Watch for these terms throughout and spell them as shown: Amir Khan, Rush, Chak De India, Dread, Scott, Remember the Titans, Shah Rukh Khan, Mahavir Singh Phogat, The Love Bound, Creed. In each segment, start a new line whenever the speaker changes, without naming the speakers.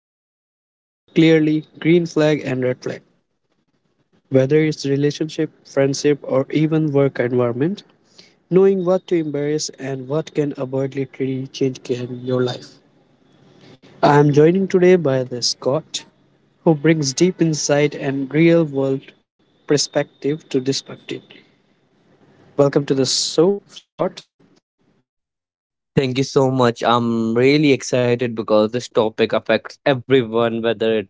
always talk clearly green flag and red flag. Whether it's relationship, friendship, or even work environment, knowing what to embrace and what can avoid literally change can your life. I am joining today by the Scott, who brings deep insight and real world perspective to this topic. Welcome to the show, Scott.
Thank you so much. I'm really excited because this topic affects everyone,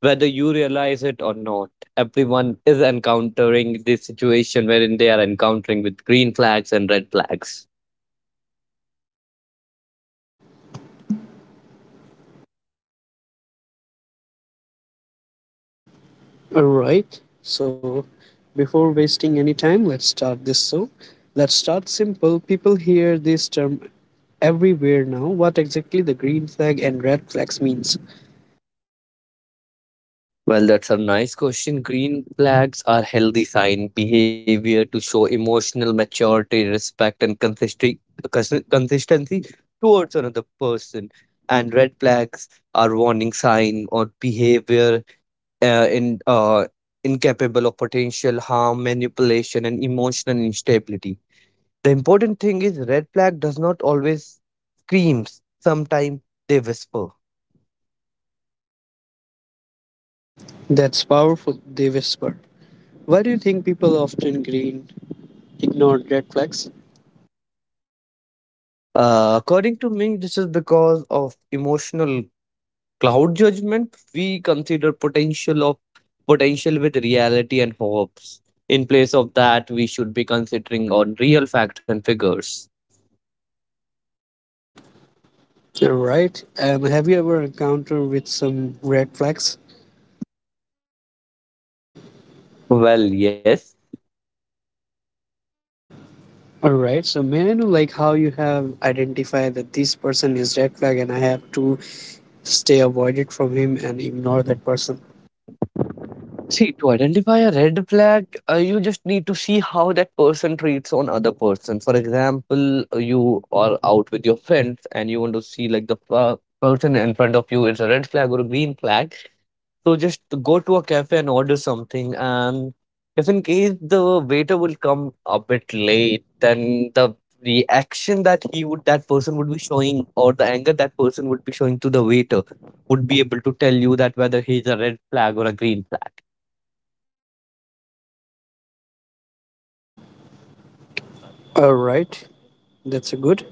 whether you realize it or not. Everyone is encountering this situation wherein they are encountering with green flags and red flags.
All right. So, before wasting any time, let's start this show. Let's start simple. People hear this term everywhere now. What exactly the green flag and red flags means?
Well, that's a nice question. Green flags are healthy sign behavior to show emotional maturity, respect, and consistency towards another person. And red flags are warning sign or behavior in incapable of potential harm, manipulation, and emotional instability. The important thing is red flag does not always screams. Sometimes they whisper.
That's powerful. They whisper. Why do you think people often green ignore red flags?
According to me, this is because of emotional cloud judgment. We consider potential with reality and hopes. In place of that, we should be considering on real facts and figures.
All right. And have you ever encountered with some red flags?
Well, yes.
All right. So may I know like how you have identified that this person is red flag and I have to stay avoided from him and ignore that person.
See, to identify a red flag, you just need to see how that person treats on other person. For example, you are out with your friends and you want to see like the person in front of you is a red flag or a green flag. So just go to a cafe and order something. And if in case the waiter will come a bit late, then the reaction that he would that person would be showing or the anger that person would be showing to the waiter would be able to tell you that whether he's a red flag or a green flag.
All right. That's a good.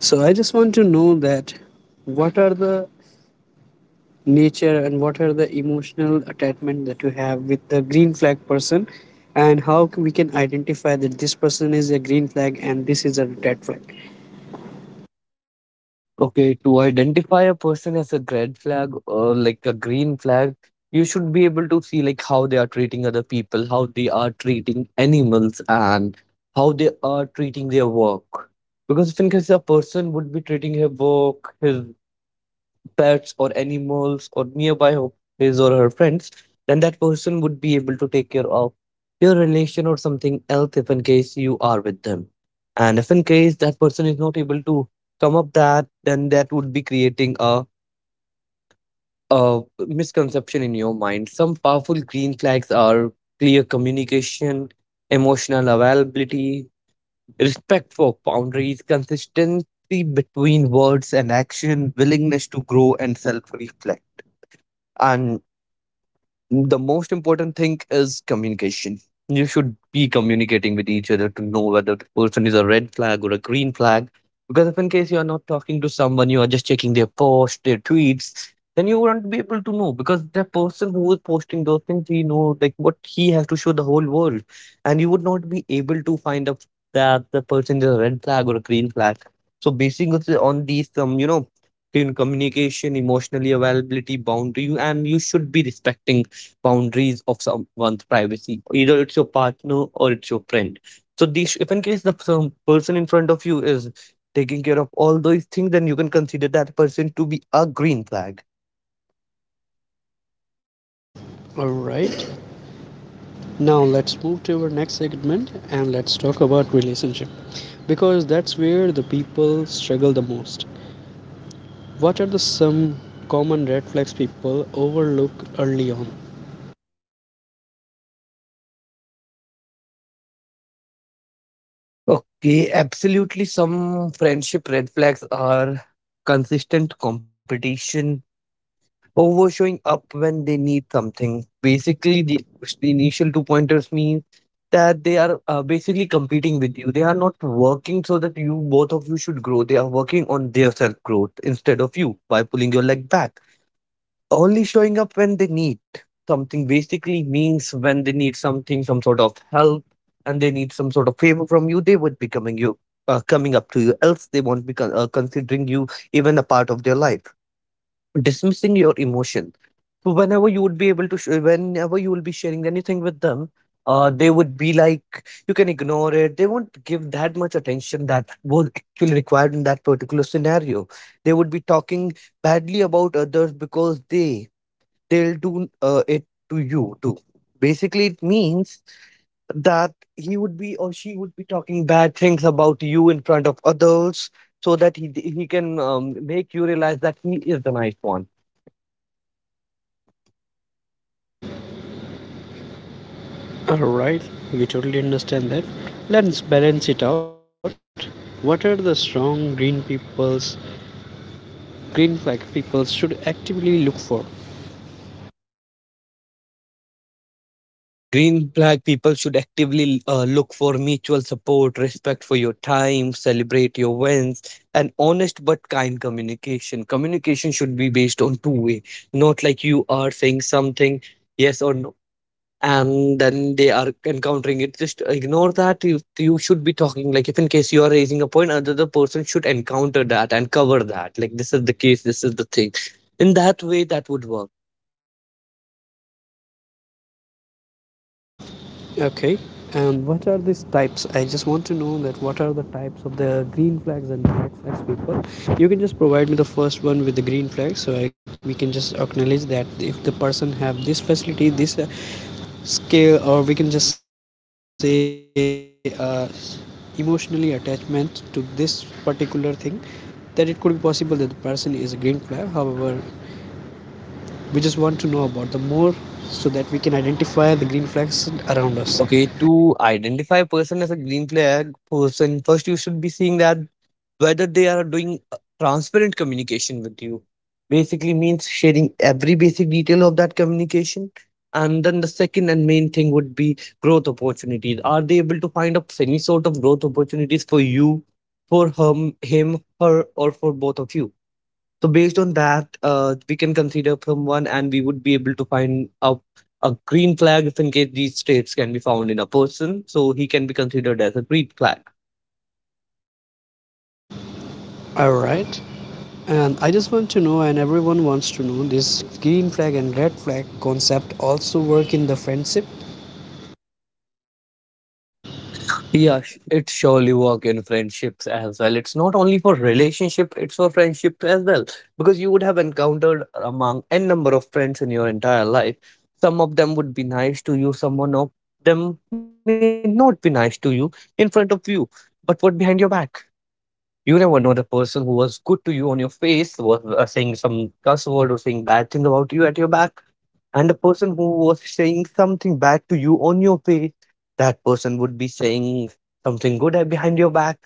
So I just want to know that what are the nature and what are the emotional attachment that you have with the green flag person and how we can identify that this person is a green flag and this is a red flag.
Okay, to identify a person as a red flag or like a green flag, you should be able to see like how they are treating other people, how they are treating animals, and how they are treating their work. Because if in case a person would be treating her work, his pets or animals or nearby his or her friends, then that person would be able to take care of your relation or something else if in case you are with them. And if in case that person is not able to come up that, then that would be creating a misconception in your mind. Some powerful green flags are clear communication, emotional availability, respect for boundaries, consistency between words and action, willingness to grow and self reflect, and the most important thing is communication. You should be communicating with each other to know whether the person is a red flag or a green flag. Because if in case you are not talking to someone, you are just checking their post, their tweets, then you won't be able to know because the person who is posting those things, he know like what he has to show the whole world, and you would not be able to find out that the person is a red flag or a green flag. So basing it on these, in communication, emotionally availability, boundary, you should be respecting boundaries of someone's privacy. Either it's your partner or it's your friend. So these, if in case the some person in front of you is taking care of all those things, then you can consider that person to be a green flag.
All right. Now let's move to our next segment and let's talk about relationship because that's where the people struggle the most. What are the some common red flags people overlook early on?
Okay, absolutely. Some friendship red flags are consistent competition, over showing up when they need something. Basically, the initial two pointers mean that they are basically competing with you. They are not working so that you both of you should grow. They are working on their self growth instead of you by pulling your leg back. Only showing up when they need something basically means when they need something, some sort of help, and they need some sort of favor from you, they would be coming you. Coming up to you else they won't be considering you even a part of their life, dismissing your emotion. So whenever you would be whenever you will be sharing anything with them, they would be like, you can ignore it. They won't give that much attention that was actually required in that particular scenario. They would be talking badly about others because they'll do it to you too. Basically, it means that he would be or she would be talking bad things about you in front of others so that he can make you realize that he is the nice one.
Alright, we totally understand that. Let's balance it out. What are the strong green people's green flag people should actively look for?
The green flag people should actively look for mutual support, respect for your time, celebrate your wins, and honest but kind communication. Communication should be based on two-way, not like you are saying something yes or no, and then they are encountering it. Just ignore that. You should be talking like if in case you are raising a point, another person should encounter that and cover that. Like this is the case, this is the thing. In that way, that would work.
Okay, and what are these types? I just want to know that what are the types of the green flags and black flags people. You can just provide me the first one with the green flag, so we can just acknowledge that if the person have this facility, this scale, or we can just say emotionally attachment to this particular thing, that it could be possible that the person is a green flag. However, we just want to know about the more so that we can identify the green flags around us.
Okay, to identify a person as a green flag person, first you should be seeing that whether they are doing transparent communication with you. Basically means sharing every basic detail of that communication. And then the second and main thing would be growth opportunities. Are they able to find up any sort of growth opportunities for you, for him, her, or for both of you? So based on that, we can consider from one, and we would be able to find out a green flag if in case these traits can be found in a person, so he can be considered as a green flag.
Alright. And I just want to know, and everyone wants to know, this green flag and red flag concept also work in the friendship.
Yeah, it surely work in friendships as well. It's not only for relationship; it's for friendship as well. Because you would have encountered among n number of friends in your entire life. Some of them would be nice to you. Some of them may not be nice to you in front of you, but what behind your back? You never know, the person who was good to you on your face was saying some cuss word or saying bad thing about you at your back, and the person who was saying something bad to you on your face, that person would be saying something good behind your back.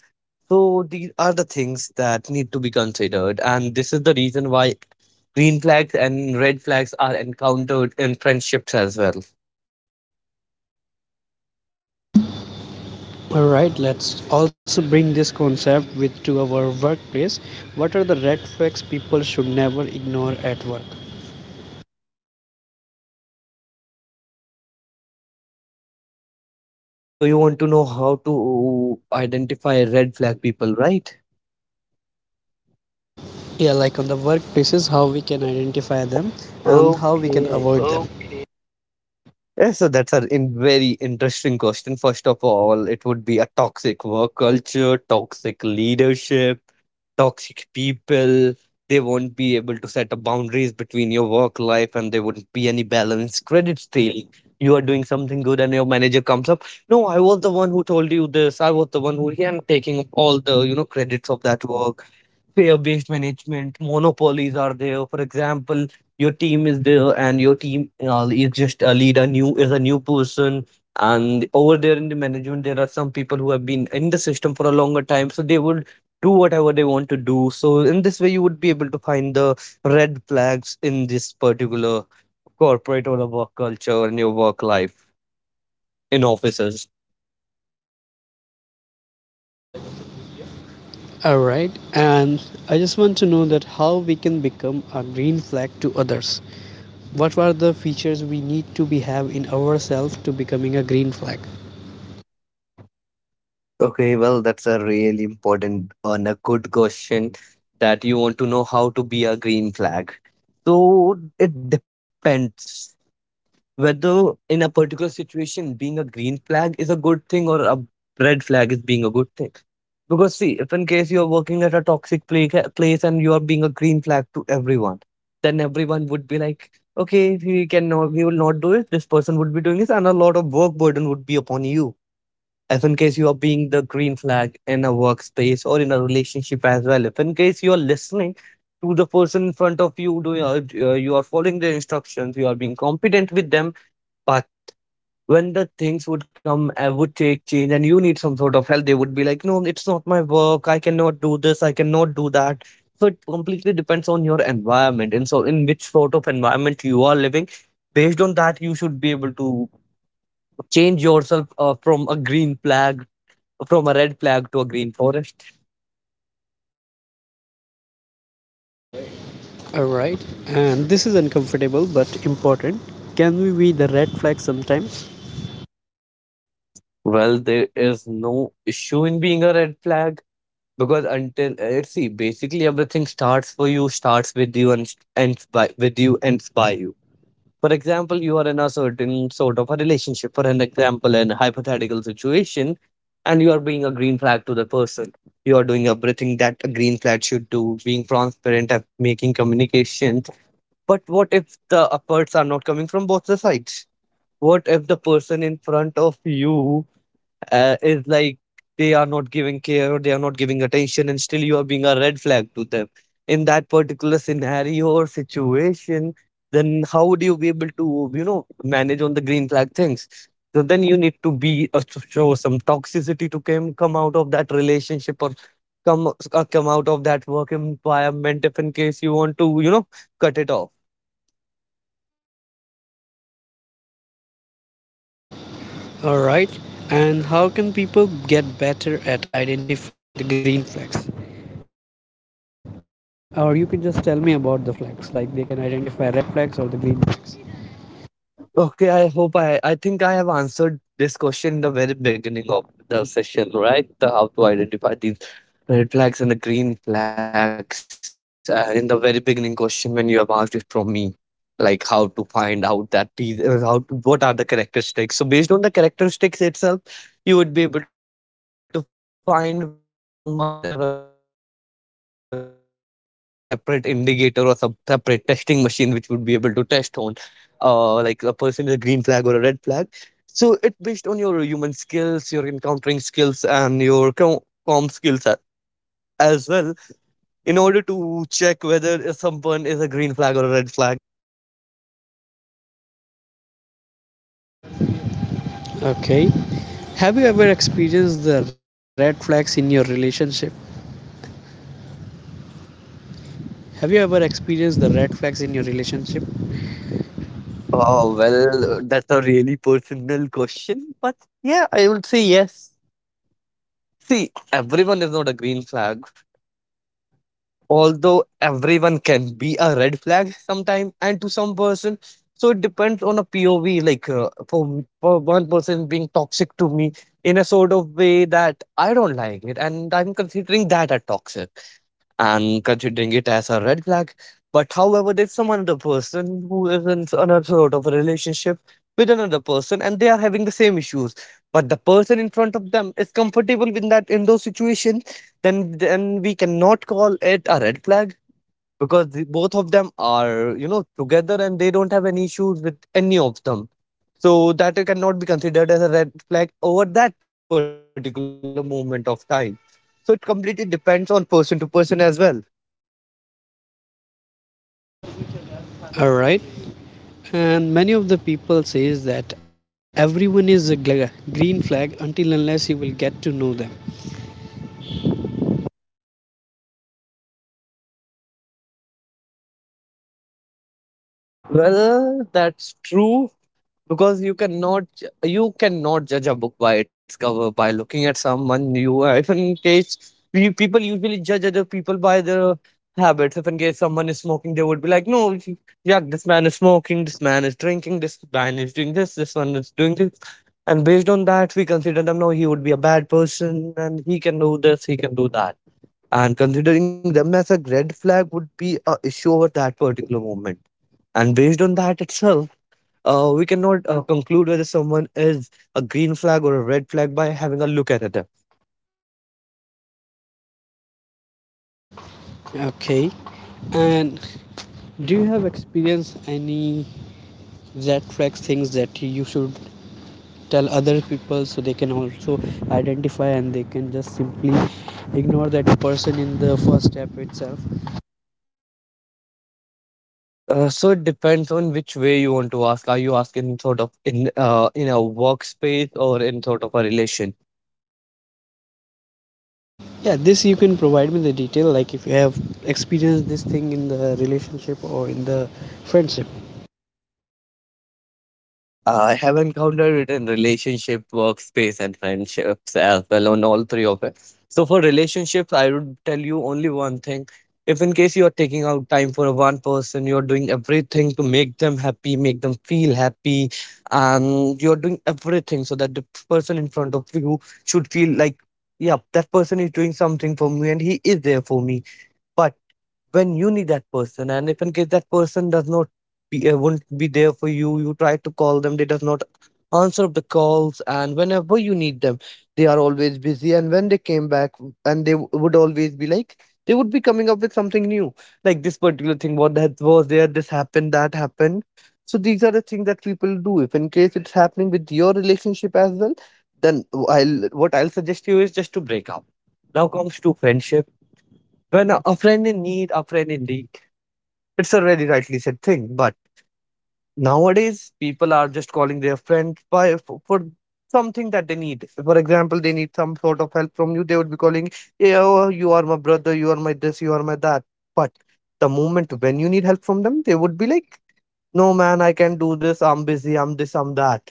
So these are the things that need to be considered, and this is the reason why green flags and red flags are encountered in friendships as well.
Alright, let's also bring this concept with to our workplace. What are the red flags people should never ignore at work?
So you want to know how to identify red flag people, right?
Yeah, like on the workplaces, how we can identify them and how we can
Okay.
avoid them.
Yeah, so that's a in very interesting question. First of all, it would be a toxic work culture, toxic leadership, toxic people. They won't be able to set up boundaries between your work life and there wouldn't be any balance. Credit stealing. You are doing something good and your manager comes up. No, I was the one who told you this. I was the one who, and taking up all the, you know, credits of that work. Fear based management, monopolies are there. For example, your team is there and your team is a new person. And over there in the management, there are some people who have been in the system for a longer time. So they would do whatever they want to do. So in this way, you would be able to find the red flags in this particular corporate or a work culture and your work life in offices.
All right, and I just want to know that how we can become a green flag to others. What are the features we need to be have in ourselves to becoming a green flag?
Okay, well, that's a really important and a good question that you want to know how to be a green flag. So it depends whether in a particular situation being a green flag is a good thing or a red flag is being a good thing. Because see, if in case you're working at a toxic place and you are being a green flag to everyone, then everyone would be like, okay, we will not do it. This person would be doing this, and a lot of work burden would be upon you if in case you are being the green flag in a workspace or in a relationship as well. If in case you are listening to the person in front of you, do you are following their instructions, you are being competent with them, but when the things would come would take change and you need some sort of help, they would be like, no, it's not my work, I cannot do this, I cannot do that. So it completely depends on your environment and so in which sort of environment you are living. Based on that, you should be able to change yourself from a green flag, from a red flag to a green forest?
All right, and this is uncomfortable but important. Can we be the red flag sometimes?
Well, there is no issue in being a red flag because until see, basically everything starts with you, and ends by you. For example, you are in a certain sort of a relationship. For an example, in a hypothetical situation, and you are being a green flag to the person. You are doing everything that a green flag should do, being transparent, and making communications. But what if the efforts are not coming from both the sides? What if the person in front of you is like they are not giving care or they are not giving attention, and still you are being a red flag to them in that particular scenario or situation? Then how would you be able to, manage on the green flag things? So then you need to be to show some toxicity to come out of that relationship or come come out of that work environment if in case you want to, cut it off.
All right, and how can people get better at identifying the green flags? Or you can just tell me about the flags, like they can identify red flags or the green flags.
Okay, I think I have answered this question in the very beginning of the session, right? The how to identify these red flags and the green flags. In the very beginning question, when you have asked it from me, like how to find out that these, how to, what are the characteristics. So based on the characteristics itself, you would be able to find whether someone is a green flag or a red flag. So there's no a separate indicator or some separate testing machine which would be able to test on, like a person is a green flag or a red flag. So it based on your human skills, your encountering skills, and your com as well in order to check whether someone is a green flag or a red flag?
Okay. Have you ever experienced the red flags in your relationship? Have you ever experienced the red flags in your relationship?
Oh, well, that's a really personal question. But yeah, I would say yes. See, everyone is not a green flag, although everyone can be a red flag sometime and to some person. So it depends on a POV. Like for one person being toxic to me in a sort of way that I don't like it, and I'm considering that a toxic and considering it as a red flag. But however, there's some another person who is in another sort of a relationship with another person and they are having the same issues. But the person in front of them is comfortable with that in those situations, then we cannot call it a red flag because the, both of them are, together and they don't have any issues with any of them. So that it cannot be considered as a red flag over that particular moment of time. So it completely depends on person to person as well.
All right. And many of the people says that everyone is a green flag until unless you will get to know them.
Well, that's true because you cannot judge a book by its cover by looking at someone new. If in case people usually judge other people by their habits. If in case someone is smoking, they would be like, "No, yeah, this man is smoking, this man is drinking, this man is doing this, this one is doing this," and based on that, we consider them, "No, he would be a bad person, and he can do this, he can do that." And considering them as a red flag would be a issue over that particular moment and based on that itself, we cannot conclude whether someone is a green flag or a red flag by having a look at it.
Okay. And do you have experienced any red flags things that you should tell other people so they can also identify and they can just simply ignore that person in the first step itself?
So it depends on which way you want to ask. Are you asking sort of in a workspace or in sort of a relationship?
Yeah, this you can provide me the detail, like if you have experienced this thing in the relationship or in the friendship.
See, I have encountered it in relationship, workspace, and friendships as well on all three of it. So for relationships, I would tell you only one thing. If in case you are taking out time for one person, you're doing everything to make them happy, make them feel happy, and you're doing everything so that the person in front of you should feel like, yeah, that person is doing something for me and he is there for me. But when you need that person, and if in case that person does not be, won't be there for you, you try to call them, they does not answer up the calls, and whenever you need them, they are always busy. And when they came back, and would always be like, they would be coming up with something new, like this particular thing, what that was there, this happened, that happened. So these are the things that people do. If in case it's happening with your relationship as well, then I'll what I'll suggest you is just to break up. Now comes to friendship when a friend in need, a friend indeed. It's a very rightly said thing. But nowadays, people are just calling their friend for something that they need. For example, they need some sort of help from you. They would be calling, "Yeah, oh, you are my brother. You are my this. You are my that." But the moment when you need help from them, they would be like, "No, man, I can not do this. I'm busy. I'm this. I'm that."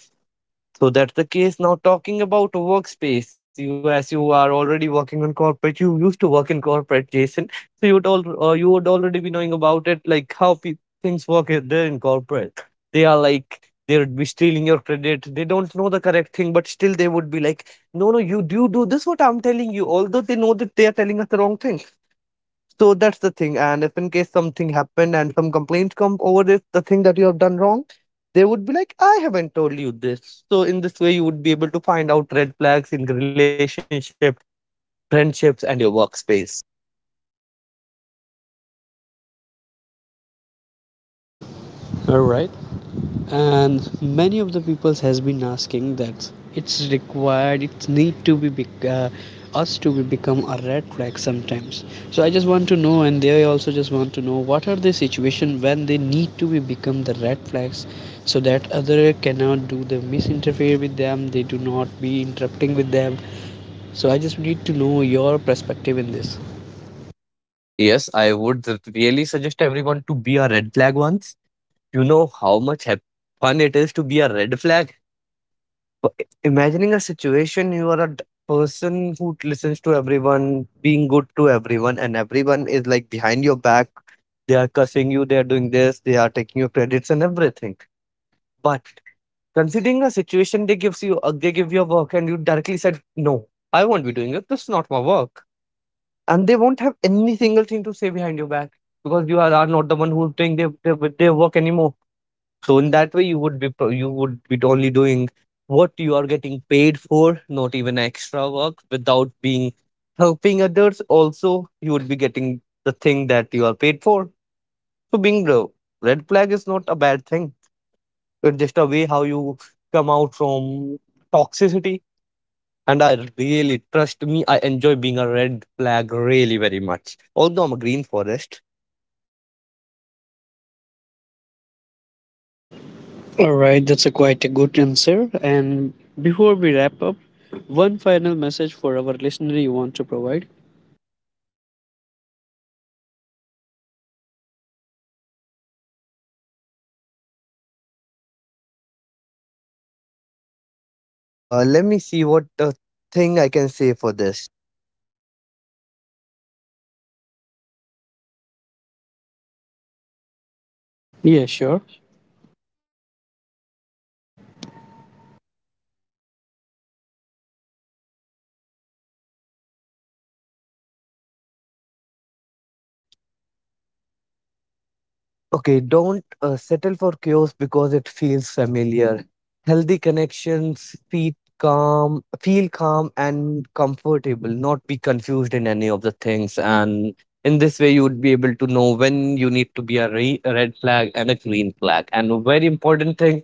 So that's the case. Now talking about workspace, you as you are already working on corporate, you used to work in corporate, Jason. So you would all you would already be knowing about it, like things work there in corporate. They are like they would be stealing your credit. They don't know the correct thing, but still they would be like, no, no, you do this. What I'm telling you, although they know that they are telling us the wrong thing. So that's the thing. And if in case something happened and some complaints come over this, the thing that you have done wrong, they would be like, I haven't told you this. So in this way, you would be able to find out red flags in relationship, friendships, and your workspace.
All right. And many of the people has been asking that it's need to be us to be become a red flag sometimes, so I just want to know and they also just want to know what are the situation when they need to be become the red flags so that other cannot do the misinterfere with them, they do not be interrupting with them. So I just need to know your perspective in this.
Yes, really suggest everyone to be a red flag once. You know how much fun it is to be a red flag? Imagining a situation, you are a person who listens to everyone, being good to everyone, and everyone is like behind your back, they are cussing you, they are doing this, they are taking your credits and everything. But considering a situation, they give you a work and you directly said no, I won't be doing it, this is not my work, and they won't have any single thing to say behind your back because are not the one who's doing their work anymore. So in that way, you would be only doing what you are getting paid for, not even extra work, without being helping others. Also, you would be getting the thing that you are paid for. So being the red flag is not a bad thing. It's just a way how you come out from toxicity. And I really, trust me, I enjoy being a red flag really very much. Although I'm a green forest.
All right, that's a quite a good answer. And before we wrap up, one final message for our listener you want to provide?
Let me see what thing I can say for this.
Yeah, sure.
Okay, don't settle for chaos because it feels familiar. Healthy connections feel calm and comfortable, not be confused in any of the things. And in this way, you would be able to know when you need to be a red flag and a green flag. And a very important thing,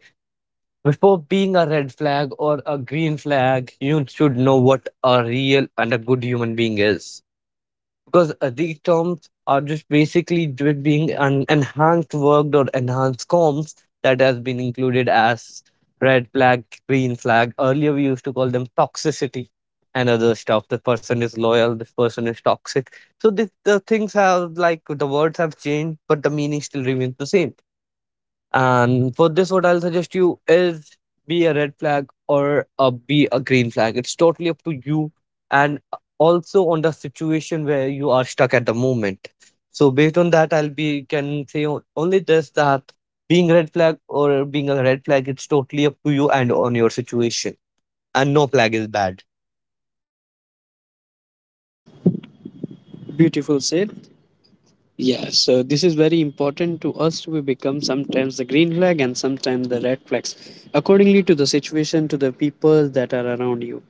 before being a red flag or a green flag, you should know what a real and a good human being is because these terms are just basically being an enhanced worked or enhanced comms that has been included as red flag, green flag. Earlier, we used to call them toxicity and other stuff. The person is loyal, this person is toxic. So the things have like the words have changed, but the meaning still remains the same. And for this, what I'll suggest you is be a red flag be a green flag. It's totally up to you and also on the situation where you are stuck at the moment. So based on that, I'll be can say only this that being a red flag, it's totally up to you and on your situation. And no flag is bad.
Beautiful said. Yeah, so this is very important to us. We become sometimes the green flag and sometimes the red flags, accordingly to the situation, to the people that are around you.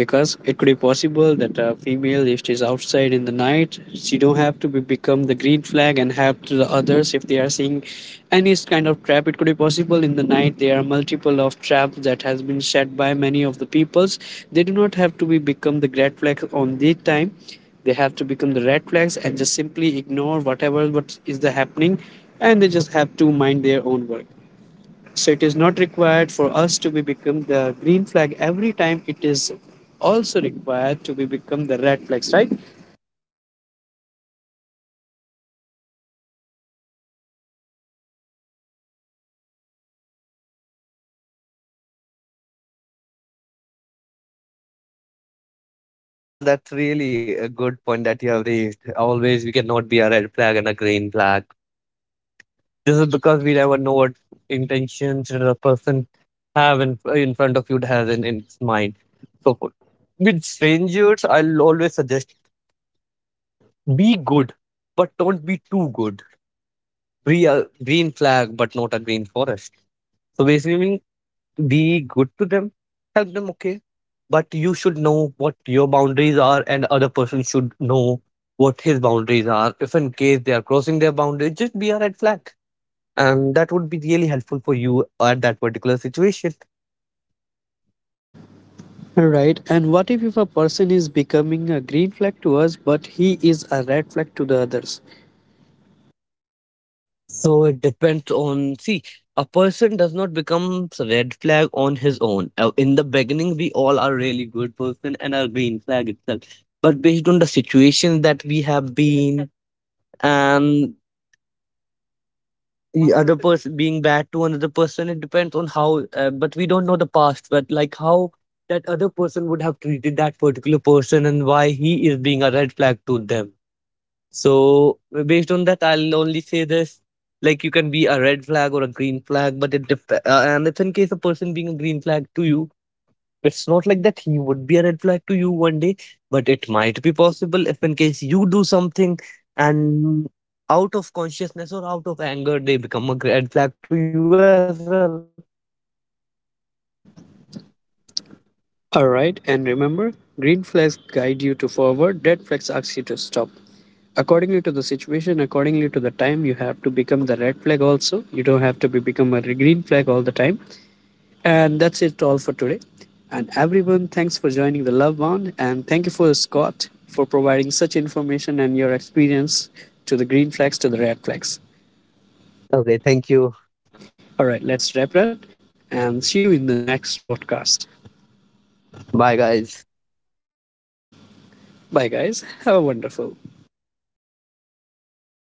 Because it could be possible that a female if she's outside in the night she don't have to become the green flag and help to the others if they are seeing any kind of trap. It could be possible in the night there are multiple of traps that has been set by many of the peoples. They do not have to be become the red flag on their time. They have to become the red flags and just simply ignore whatever what is the happening, and they just have to mind their own work. So it is not required for us to be become the green flag every time. It is also required to be become the red flags, right?
Well, that's really a good point that you have raised. Always, we cannot be a red flag and a green flag. This is because we never know what intentions the person in front of you has in its mind. So with strangers, I'll always suggest be good, but don't be too good. Be a green flag, but not a green forest. So basically, mean be good to them, help them, okay. But you should know what your boundaries are, and other person should know what his boundaries are. If in case they are crossing their boundaries, just be a red flag, and that would be really helpful for you at that particular situation.
Right. And what if a person is becoming a green flag to us, but he is a red flag to the others?
So it depends on. See, a person does not become red flag on his own. In the beginning, we all are really good person and are green flag itself. But based on the situation that we have been and the other person being bad to another person, it depends on how. But we don't know the past. But like how that other person would have treated that particular person and why he is being a red flag to them. So based on that, I'll only say this: like you can be a red flag or a green flag, but and if in case a person being a green flag to you, it's not like that he would be a red flag to you one day, but it might be possible if in case you do something and out of consciousness or out of anger they become a red flag to you as well.
All right. And remember, green flags guide you to forward, red flags ask you to stop. Accordingly to the situation, accordingly to the time, you have to become the red flag also. You don't have to be become a green flag all the time. And that's it all for today. And everyone, thanks for joining the Love Bond. And thank you for Scott for providing such information and your experience to the green flags to the red flags.
Okay, thank you.
All right, let's wrap it up and see you in the next podcast.
Bye, guys.
Bye, guys. Have a wonderful